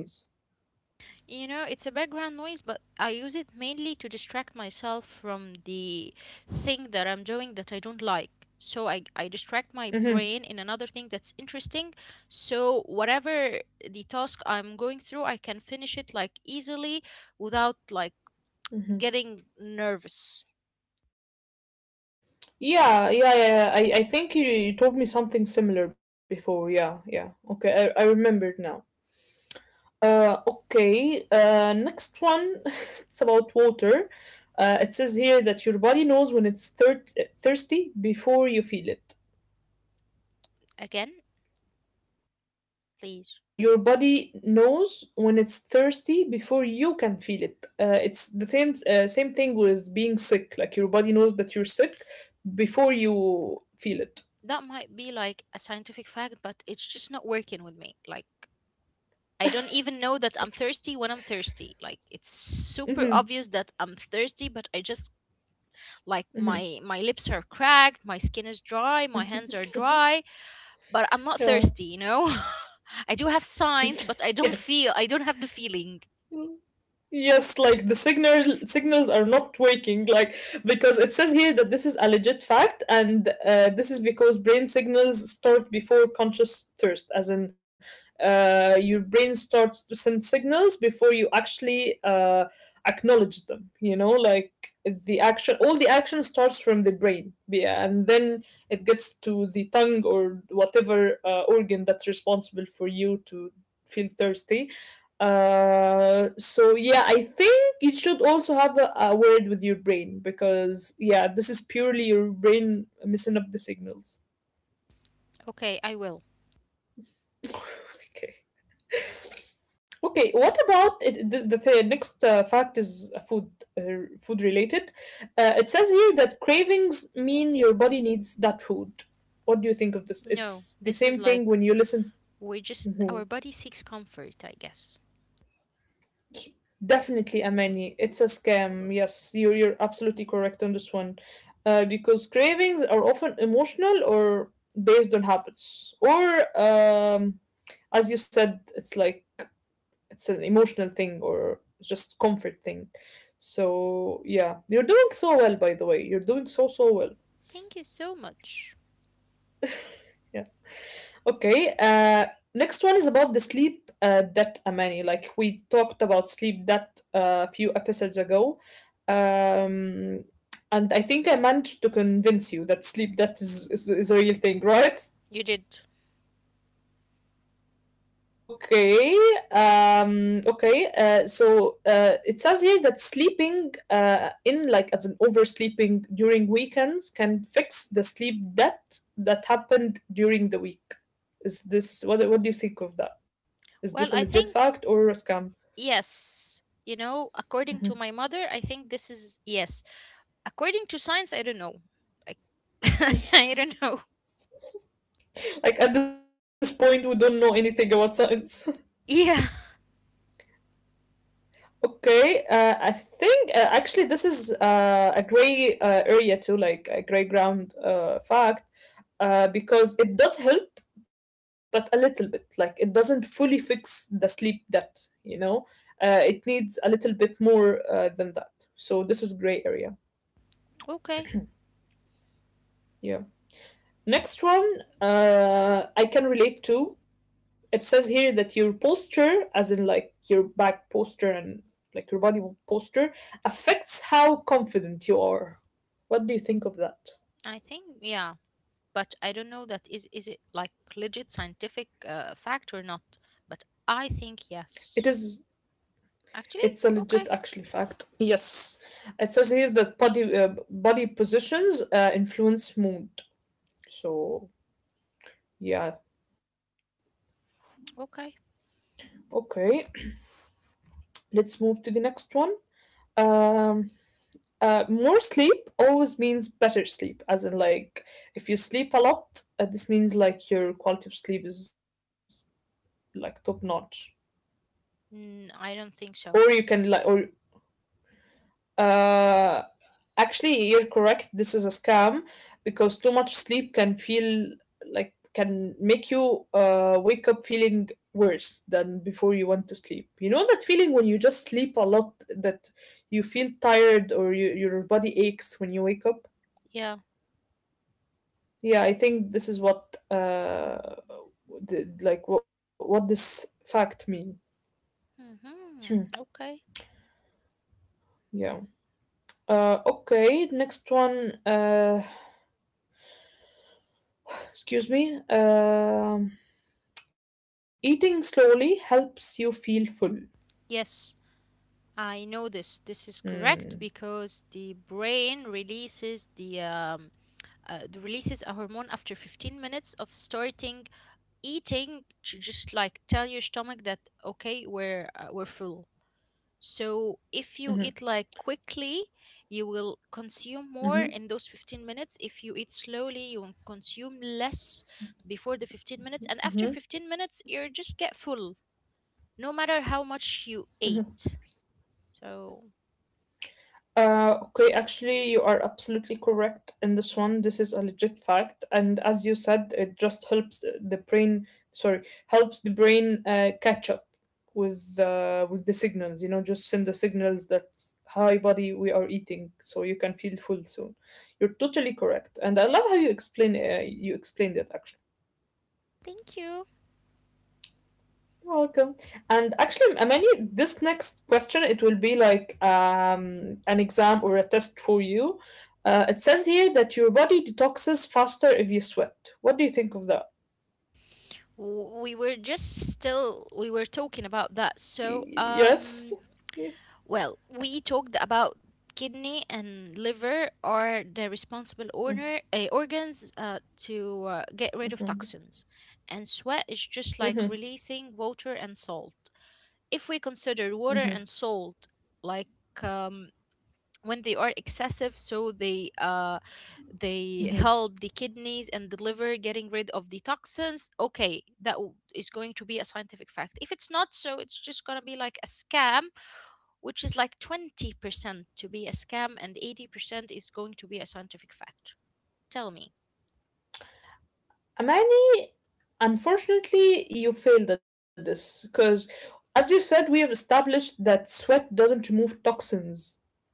You know, it's a background noise, but I use it mainly to distract myself from the thing that I'm doing that I don't like. So I distract my
Mhm,
brain in another thing that's interesting. So whatever the task I'm going through, I can finish it like easily without like
mhm.
getting nervous.
Yeah, yeah, yeah, yeah. I think you told me something similar before. Yeah, yeah. Okay, I remembered now. Okay. Next one. It's about water. It says here that your body knows when it's thirsty before you feel it.
Again, please.
Your body knows when it's thirsty before you can feel it. It's the same thing with being sick. Like your body knows that you're sick before you feel it.
That might be like a scientific fact, but it's just not working with me. Like I don't even know that I'm thirsty when I'm thirsty. Like it's super
Mm-hmm.
obvious that I'm thirsty, but I just like my lips are cracked, my skin is dry, my hands are
Mm-hmm.
dry, but I'm not
Yeah.
thirsty, you know? I do have signs, but
Yes.
I don't have the feeling.
Mm. Yes, like the signals are not working, like because it says here that this is a legit fact, and this is because brain signals start before conscious thirst, as in your brain starts to send signals before you actually acknowledge them. You know, like the action, all the action starts from the brain, yeah, and then it gets to the tongue or whatever organ that's responsible for you to feel thirsty So yeah, I think you should also have a word with your brain because yeah, this is purely your brain messing up the signals.
Okay, I will.
Okay. Okay. What about it, next fact is food related. It says here that cravings mean your body needs that food. What do you think of this?
No,
It's the
this is
same thing
like
when you listen.
we just our body seeks comfort, I guess.
Definitely, Amani. It's a scam. Yes, you're absolutely correct on this one. Because cravings are often emotional or based on habits. Or, as you said, it's like it's an emotional thing or just comfort thing. So, yeah, you're doing so well, by the way. You're doing so, so well.
Thank you so much.
Yeah. Okay. Next one is about the sleep debt, Amani. Like we talked about sleep debt a few episodes ago. Um, and I think I managed to convince you that sleep debt is a real thing, right?
You did.
Okay, okay. It says here that sleeping in, like, as an oversleeping during weekends can fix the sleep debt that happened during the week. Is this what? What do you think of that? Is this
Well,
a
I
legit
think
fact or a scam?
yes. You know, according to my
Mhm.
mother, I think this is yes. According to science, I don't know. Like, I don't know.
Like at this point, we don't know anything about science.
Yeah.
Okay, I think actually this is a gray area too, like a gray ground fact, because it does help, but a little bit. Like it doesn't fully fix the sleep debt, you know? It needs a little bit more than that. So this is gray area.
Okay.
Yeah. Next one, I can relate to. It says here that your posture, as in like your back posture and like your body posture, affects how confident you are. What do you think of that?
I think yeah, but I don't know that is it like legit scientific fact or not. But I think
It
yes.
is.
Actually,
It's a
okay.
legit, actually, fact. Yes, it says here that body positions influence mood. So yeah,
Okay.
okay. Let's move to the next one. Um, More sleep always means better sleep, as in like if you sleep a lot, this means like your quality of sleep is like top notch.
Mm, I don't think
Or you
so.
can like or uh Actually you're correct, this is a scam because too much sleep can feel like can make you wake up feeling worse than before you went to sleep. You know that feeling when you just sleep a lot that you feel tired or your body aches when you wake up?
Yeah.
Yeah, I think this is what the, like what this fact mean. Hmm,
Hmm. Okay.
yeah. Okay, next one excuse me. Eating slowly helps you feel full.
Yes. I know this. This is
Mm.
correct because the brain releases the releases a hormone after 15 minutes of starting eating to just like tell your stomach that okay we're full. So if you
Mm-hmm.
eat like quickly, you will consume more
Mm-hmm.
in those 15 minutes. If you eat slowly, you will consume less before the 15 minutes, and after
Mm-hmm.
15 minutes you just get full no matter how much you
Mm-hmm.
ate. So
Okay, actually, you are absolutely correct in this one. This is a legit fact, and as you said, it just helps the brain. Sorry, helps the brain catch up with the signals. You know, just send the signals that hi, buddy, we are eating, so you can feel full soon. You're totally correct, and I love how you explain. You explained it actually.
thank you.
You're welcome. And actually, Amani, this next question, it will be like an exam or a test for you. It says here that your body detoxes faster if you sweat. What do you think of that?
We were just still we were talking about that, so
Yes? Yeah.
well, we talked about kidney and liver are the responsible organs to get rid of toxins, and sweat is just like
Mhm,
releasing water and salt. If we consider water and salt like um, when they are excessive, so they
mhm.
help the kidneys and the liver getting rid of the toxins. Okay, is going to be a scientific fact. If it's not, so it's just gonna be like a scam, which is like 20% to be a scam and 80% is going to be a scientific fact. Tell me.
Amani, unfortunately, you failed at this because, as you said, we have established that sweat doesn't remove toxins.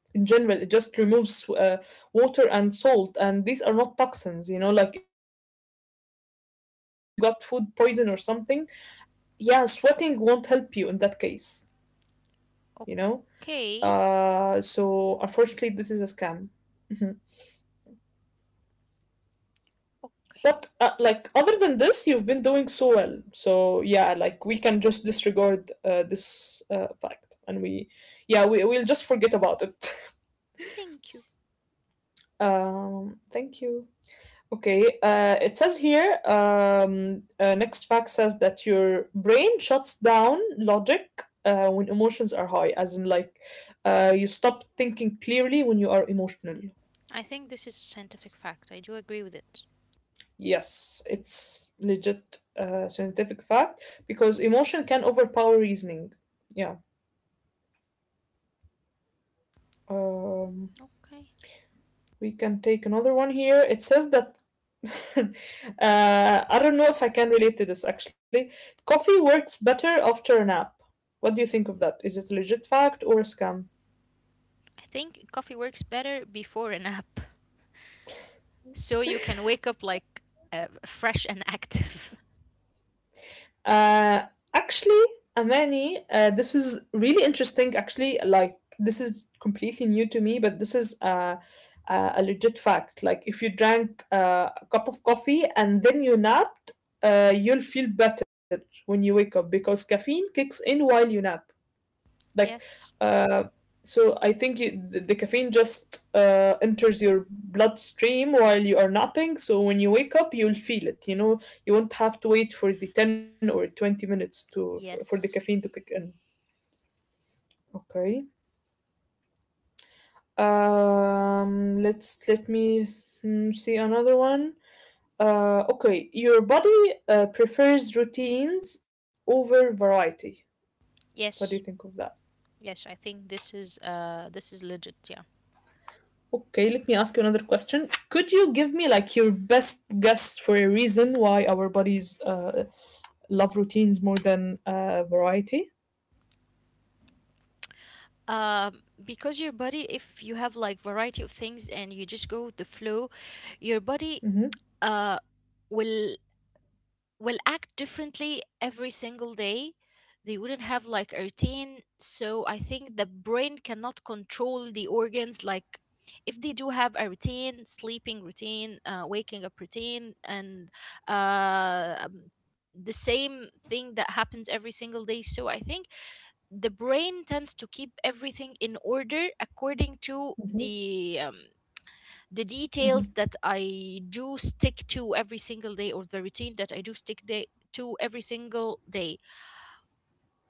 In general, it just removes water and salt, and these are not toxins, like if you got food poison or something, yeah, sweating won't help you in that case, you know so
Okay.
unfortunately this is a scam. Mhm. But like
Okay.
other than this, you've been doing so well, so yeah, like we can just disregard this fact, and we'll just forget about it.
Thank you.
Thank you. Okay, it says here, next fact says that your brain shuts down logic when emotions are high, as in, like, you stop thinking clearly when you are emotional.
I think this is a scientific fact. I do agree with it.
Yes, it's legit scientific fact because emotion can overpower reasoning. Yeah. Um,
Okay.
We can take another one here. It says that I don't know if I can relate to this actually. Coffee works better after a nap. What do you think of that? Is it a legit fact or a scam?
I think coffee works better before a nap. So you can wake up like fresh and active.
Uh, Actually, Amani, this is really interesting. Actually, like this is completely new to me, but this is a legit fact. Like if you drank a cup of coffee and then you napped, you'll feel better when you wake up because caffeine kicks in while you nap. Like,
Yes.
uh, so I think the caffeine just enters your bloodstream while you are napping. So when you wake up, you'll feel it. You know, you won't have to wait for the 10 or 20 minutes for the
Yes.
caffeine to kick in. Okay. Let me see another one. Okay, your body prefers routines over variety. What do you think
Yes.
of that?
Yes, I think this is legit, yeah.
Okay, let me ask you another question. Could you give me like your best guess for a reason why our bodies love routines more than variety?
Because your body, if you have like variety of things and you just go with the flow, your body
Mm-hmm,
uh, will act differently every single day. They wouldn't have like a routine. So I think the brain cannot control the organs. Like if they do have a routine, sleeping routine, waking up routine, and uh, um, the same thing that happens every single day. So I think the brain tends to keep everything in order according to
mm-hmm,
the details that I do stick to every single day, or the routine that I do stick day, to every single day.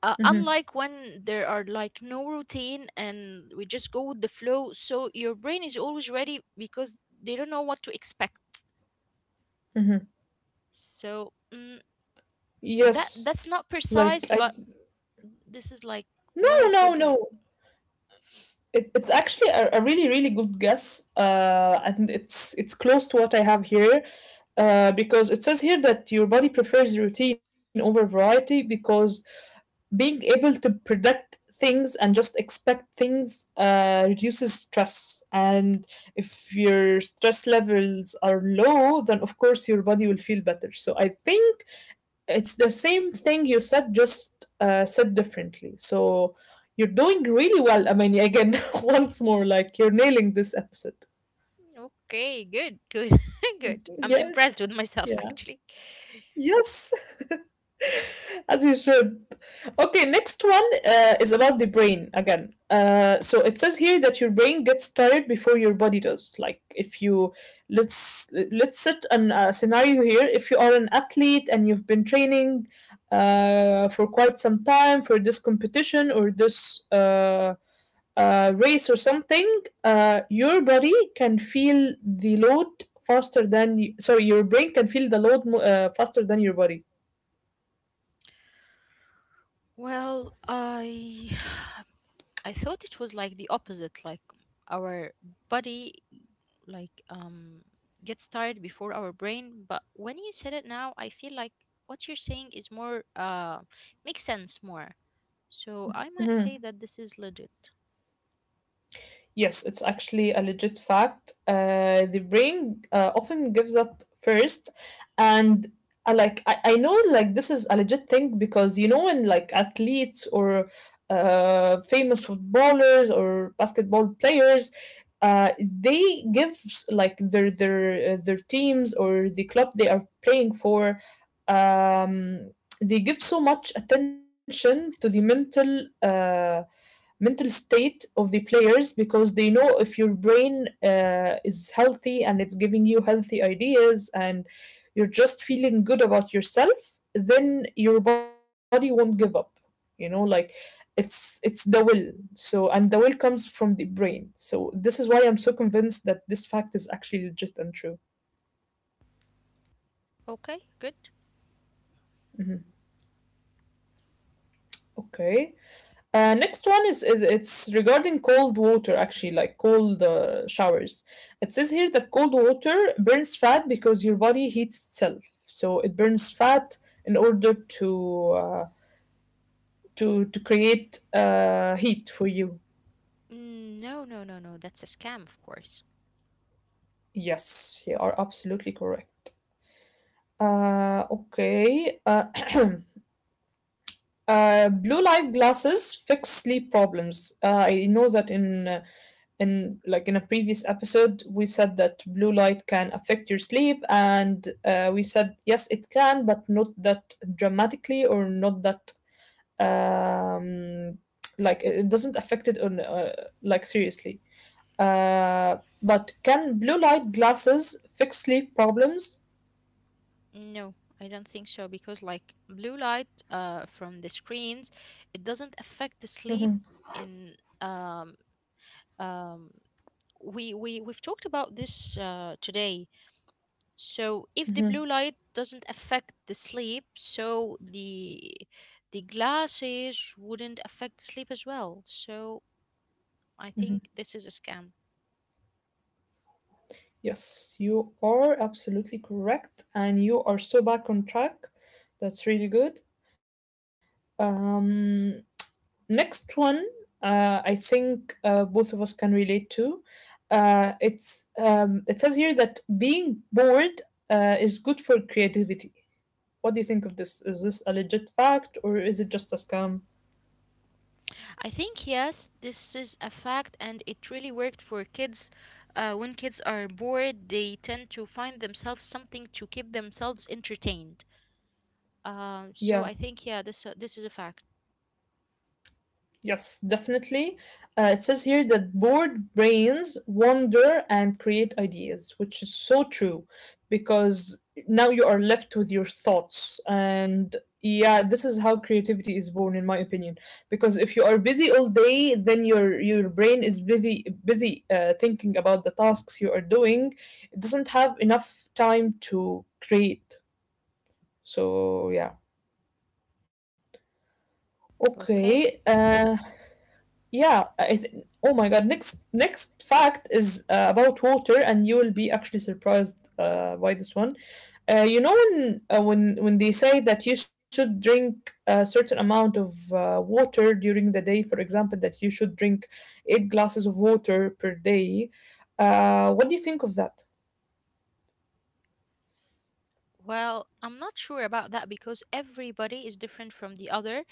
Unlike when there are like no routine and we just go with the flow, so your brain is always ready because they don't know what to expect.
mm-hmm.
So that
Yes,
that's not
like I,
precise, but this is like
no,
what
no,
I could
no.
like.
It's actually a really really good guess. And it's close to what I have here, because it says here that your body prefers routine over variety because being able to predict things and just expect things reduces stress, and if your stress levels are low then of course your body will feel better, so I think it's the same thing you said, just said differently. So you're doing really well. I mean, again, once more, like, you're nailing this episode.
Okay, good, good, good.
Mhm.
I'm
Yeah,
impressed with myself
yeah,
actually.
yes. As you should. Okay, next one is about the brain again. So it says here that your brain gets tired before your body does. Like if you, let's set an scenario here. If you are an athlete and you've been training for quite some time for this competition or this race or something, your body can feel the load faster than you, sorry, your brain can feel the load faster than your body.
Well, I I thought it was like the opposite, like our body like gets tired before our brain, but when you said it now, I feel like what you're saying is more makes sense more. So I might say
Mm-hmm.
that this is legit.
Yes, it's actually a legit fact. The brain often gives up first. And like I know, like this is a legit thing, because you know when, like, athletes or famous footballers or basketball players, they like their their teams or the club they are playing for, um, they give so much attention to the mental. Mental state of the players, because they know if your brain is healthy and it's giving you healthy ideas and you're just feeling good about yourself, then your body won't give up, you know, like it's the will. So, and the will comes from the brain, so this is why I'm so convinced that this fact is actually legit and true.
Okay, good.
Mhm. Okay. Next one is, it's regarding cold water, actually, like cold showers. It says here that cold water burns fat because your body heats itself, so it burns fat in order to create heat for you.
Mm, no, no, no, no. That's a scam, of course.
Yes, you are absolutely correct. Okay. Blue light glasses fix sleep problems. I know that in like in a previous episode we said that blue light can affect your sleep, and we said yes it can, but not that dramatically or not that, um, like, it doesn't affect it on, like, seriously. Uh, but can blue light glasses fix sleep problems?
No, I don't think so because like blue light from the screens, it doesn't affect the sleep in um um we've talked about this today. So if the blue light doesn't affect the sleep, so the glasses wouldn't affect sleep as well. So I think this is a scam.
Yes, you are absolutely correct, and you are so back on track. That's really good. Um, Next one, I think both of us can relate to. It says here that being bored is good for creativity. What do you think of this? Is this a legit fact or is it just a scam?
I think yes, this is a fact, and it really worked for kids. When kids are bored, they tend to find themselves something to keep themselves entertained.
Yeah.
So I think yeah, this this is a fact.
Yes, definitely. It says here that bored brains wander and create ideas, which is so true, because now you are left with your thoughts. And yeah, this is how creativity is born, in my opinion. Because if you are busy all day, then your brain is busy thinking about the tasks you are doing. It doesn't have enough time to create. So yeah.
Okay.
Okay. Yeah, I th oh my God. Next fact is about water, and you will be actually surprised by this one. You know when, when they say that you should drink a certain amount of water during the day, for example, that you should drink eight glasses of water per day. What do you think of that?
Well, I'm not sure about that because everybody is different from the other,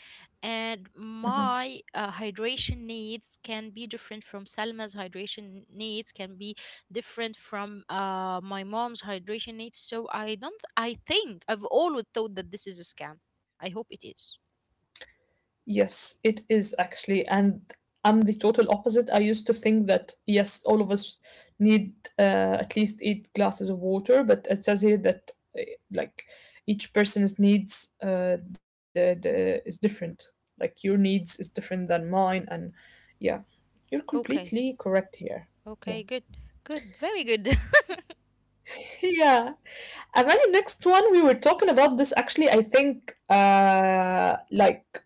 and
Mm-hmm.
my hydration needs can be different from Salma's hydration needs, can be different from my mom's hydration needs. So I don't, I think I've always thought that this is a scam. I hope it is.
Yes, it is, actually, and I'm the total opposite. I used to think that, yes, all of us need at least eight glasses of water, but it says here that, uh, like, each person's needs, the is different. Like, your needs is different than mine, and yeah, you're
Okay,
completely correct here. Yeah,
okay, good, good, very good.
yeah. And then the next one, we were talking about this, actually. I think, like,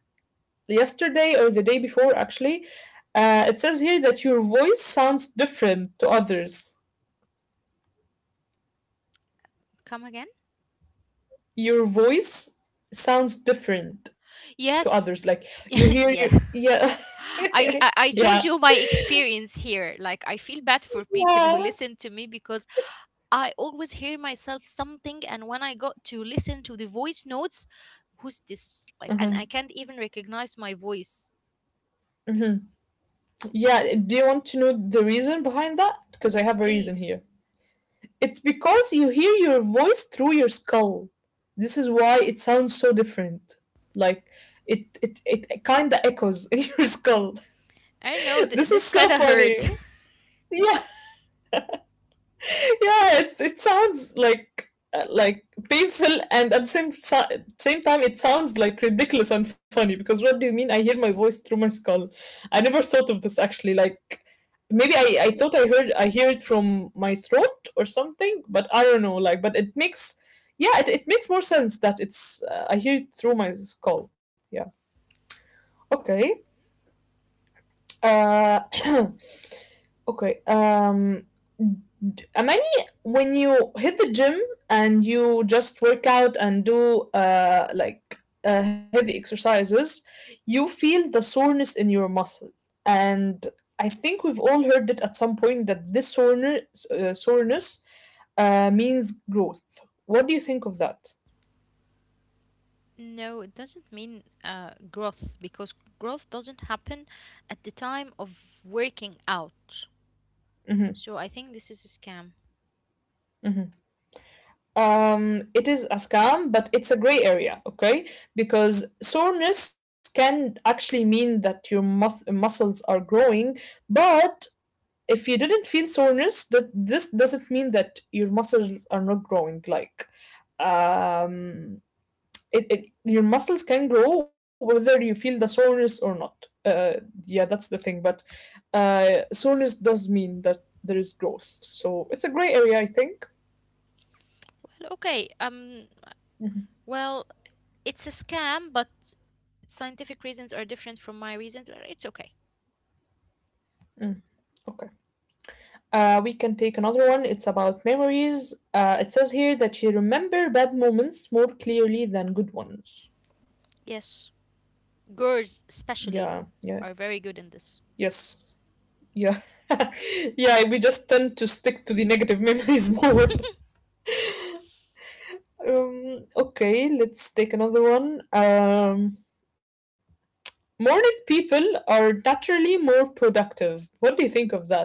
yesterday or the day before, actually. It says here that your voice sounds different to others.
Come again?
Your voice sounds different to others, like,
Yes,
you hear you.
yeah.
Yeah. Yeah,
I told you my experience here. Like I feel bad for people
yeah.
who listen to me because I always hear myself something, and when I got to listen to the voice notes, who's this? Like, and I
Hmm.
can't even recognize my voice.
Hmm. Yeah, do you want to know the reason behind that, because I
Yes,
have a reason
please.
here? It's because you hear your voice through your skull. This is why it sounds so different. Like, it kind of echoes in your skull.
I know
This is
this
so
kind of
funny.
hurt.
Yeah, yeah. It sounds like, like, painful, and at the same time it sounds, like, ridiculous and funny, because what do you mean I hear my voice through my skull? I never thought of this, actually. Like, maybe I thought, I hear it from my throat or something, but I don't know, like, but it makes... Yeah, it makes more sense that it's I hear it through my skull. Yeah. Okay. Uh, okay. Amani, when you hit the gym and you just work out and do like, heavy exercises, you feel the soreness in your muscle, and I think we've all heard it at some point that this soreness means growth. What do you think of that?
No, it doesn't mean growth because growth doesn't happen at the time of working out.
Mm-hmm,
So I think this is a scam.
mm-hmm. It is a scam, but it's a gray area. Okay. Because soreness can actually mean that muscles are growing, but if you didn't feel soreness, that this doesn't mean that your muscles are not growing. Like, um it, it your muscles can grow whether you feel the soreness or not. Yeah, that's the thing, but soreness does mean that there is growth, so it's a gray area, I think.
Well, okay.
Mhm.
Well, it's a scam, but scientific reasons are different from my reasons, it's okay.
Mm, okay. We can take another one. It's about memories. It says here that you remember bad moments more clearly than good ones.
Yes. Girls,
Yeah,
especially,
yeah,
are very good in this.
yes, yeah, yeah. We just tend to stick to the negative memories more. Okay, let's take another one. Morning people are naturally more productive. What do you think of that?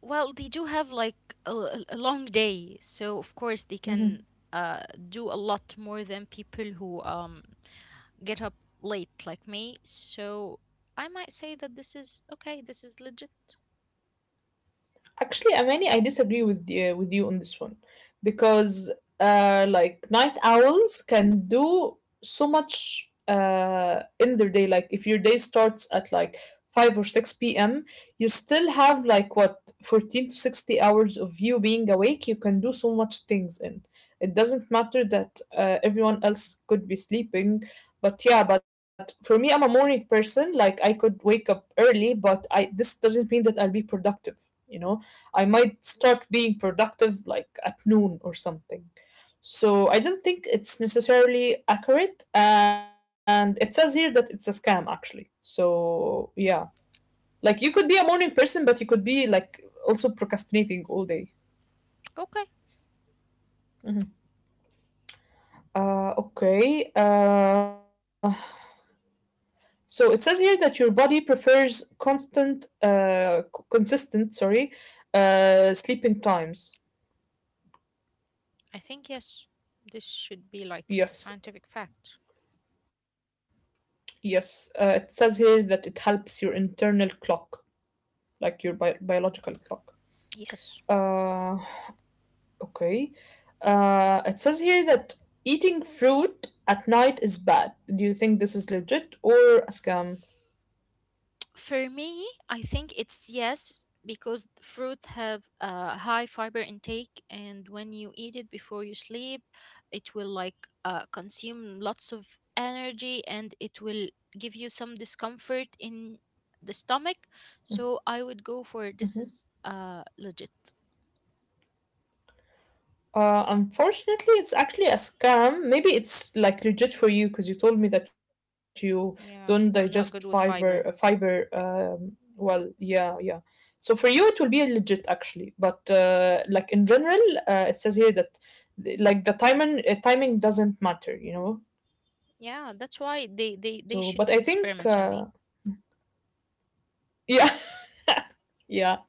Well, they do have like a long day, so of course they can
Mm-hmm.
uh, do a lot more than people who get up late like me. So I might say that this is okay, this is legit.
Actually, Amani, I disagree with you on this one, because, like, night owls can do so much in their day. Like if your day starts at like 5 or 6 p.m., you still have, like, what, 14 to 60 hours of you being awake. You can do so much things in. It doesn't matter that, everyone else could be sleeping. But yeah, but for me, I'm a morning person. Like, I could wake up early, but I this doesn't mean that I'll be productive, you know. I might start being productive, like, at noon or something. So I don't think it's necessarily accurate. And it says here that it's a scam, actually. So yeah, like, you could be a morning person, but you could be, like, also procrastinating all day.
Okay,
Mhm. Okay. So it says here that your body prefers consistent, sorry, sleeping times.
I think yes. This should be like a scientific
Yes.
fact.
Yes, it says here that it helps your internal clock, like your biological clock.
Yes.
Uh, okay. It says here that eating fruit at night is bad. Do you think this is legit or a scam?
For me, I think it's yes because fruit have a high fiber intake and when you eat it before you sleep, it will like consume lots of energy and it will give you some discomfort in the stomach. So I would go for this is legit.
Unfortunately, it's actually a scam. Maybe it's, like, legit for you because you told me that you don't
Yeah,
digest
I'm not good
fiber.
with fiber.
Fiber. Well, yeah, yeah. So for you, it will be legit, actually. But, like, in general, it says here that, like, the timing doesn't matter. You know.
Yeah, that's why they
So,
should
but
do
I think,
experiments on me.
yeah. Yeah.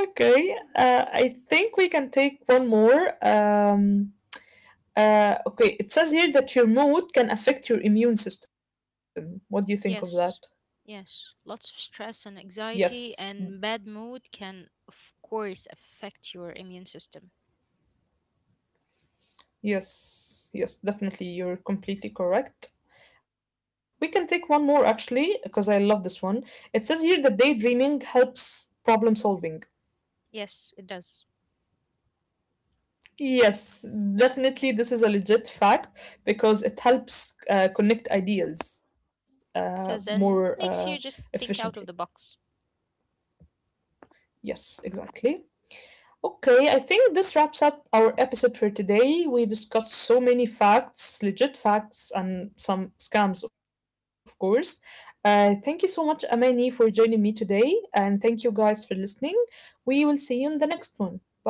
Okay. I think we can take one more. Okay, it says here that your mood can affect your immune system. What do you think of that?
Yes, yes. Lots of stress and
Yes,
anxiety and bad mood can, of course, affect your immune system.
yes, yes, definitely. You're completely correct. We can take one more, actually, because I love this one. It says here that daydreaming helps problem solving.
Yes, it does.
Yes, definitely. This is a legit fact because it helps connect ideas more
It does, and makes you just
efficiently.
think out of the box.
Yes, exactly. Okay, I think this wraps up our episode for today. We discussed so many facts, legit facts, and some scams, of course. Thank you so much, Amani, for joining me today, and thank you guys for listening. We will see you in the next one. Bye.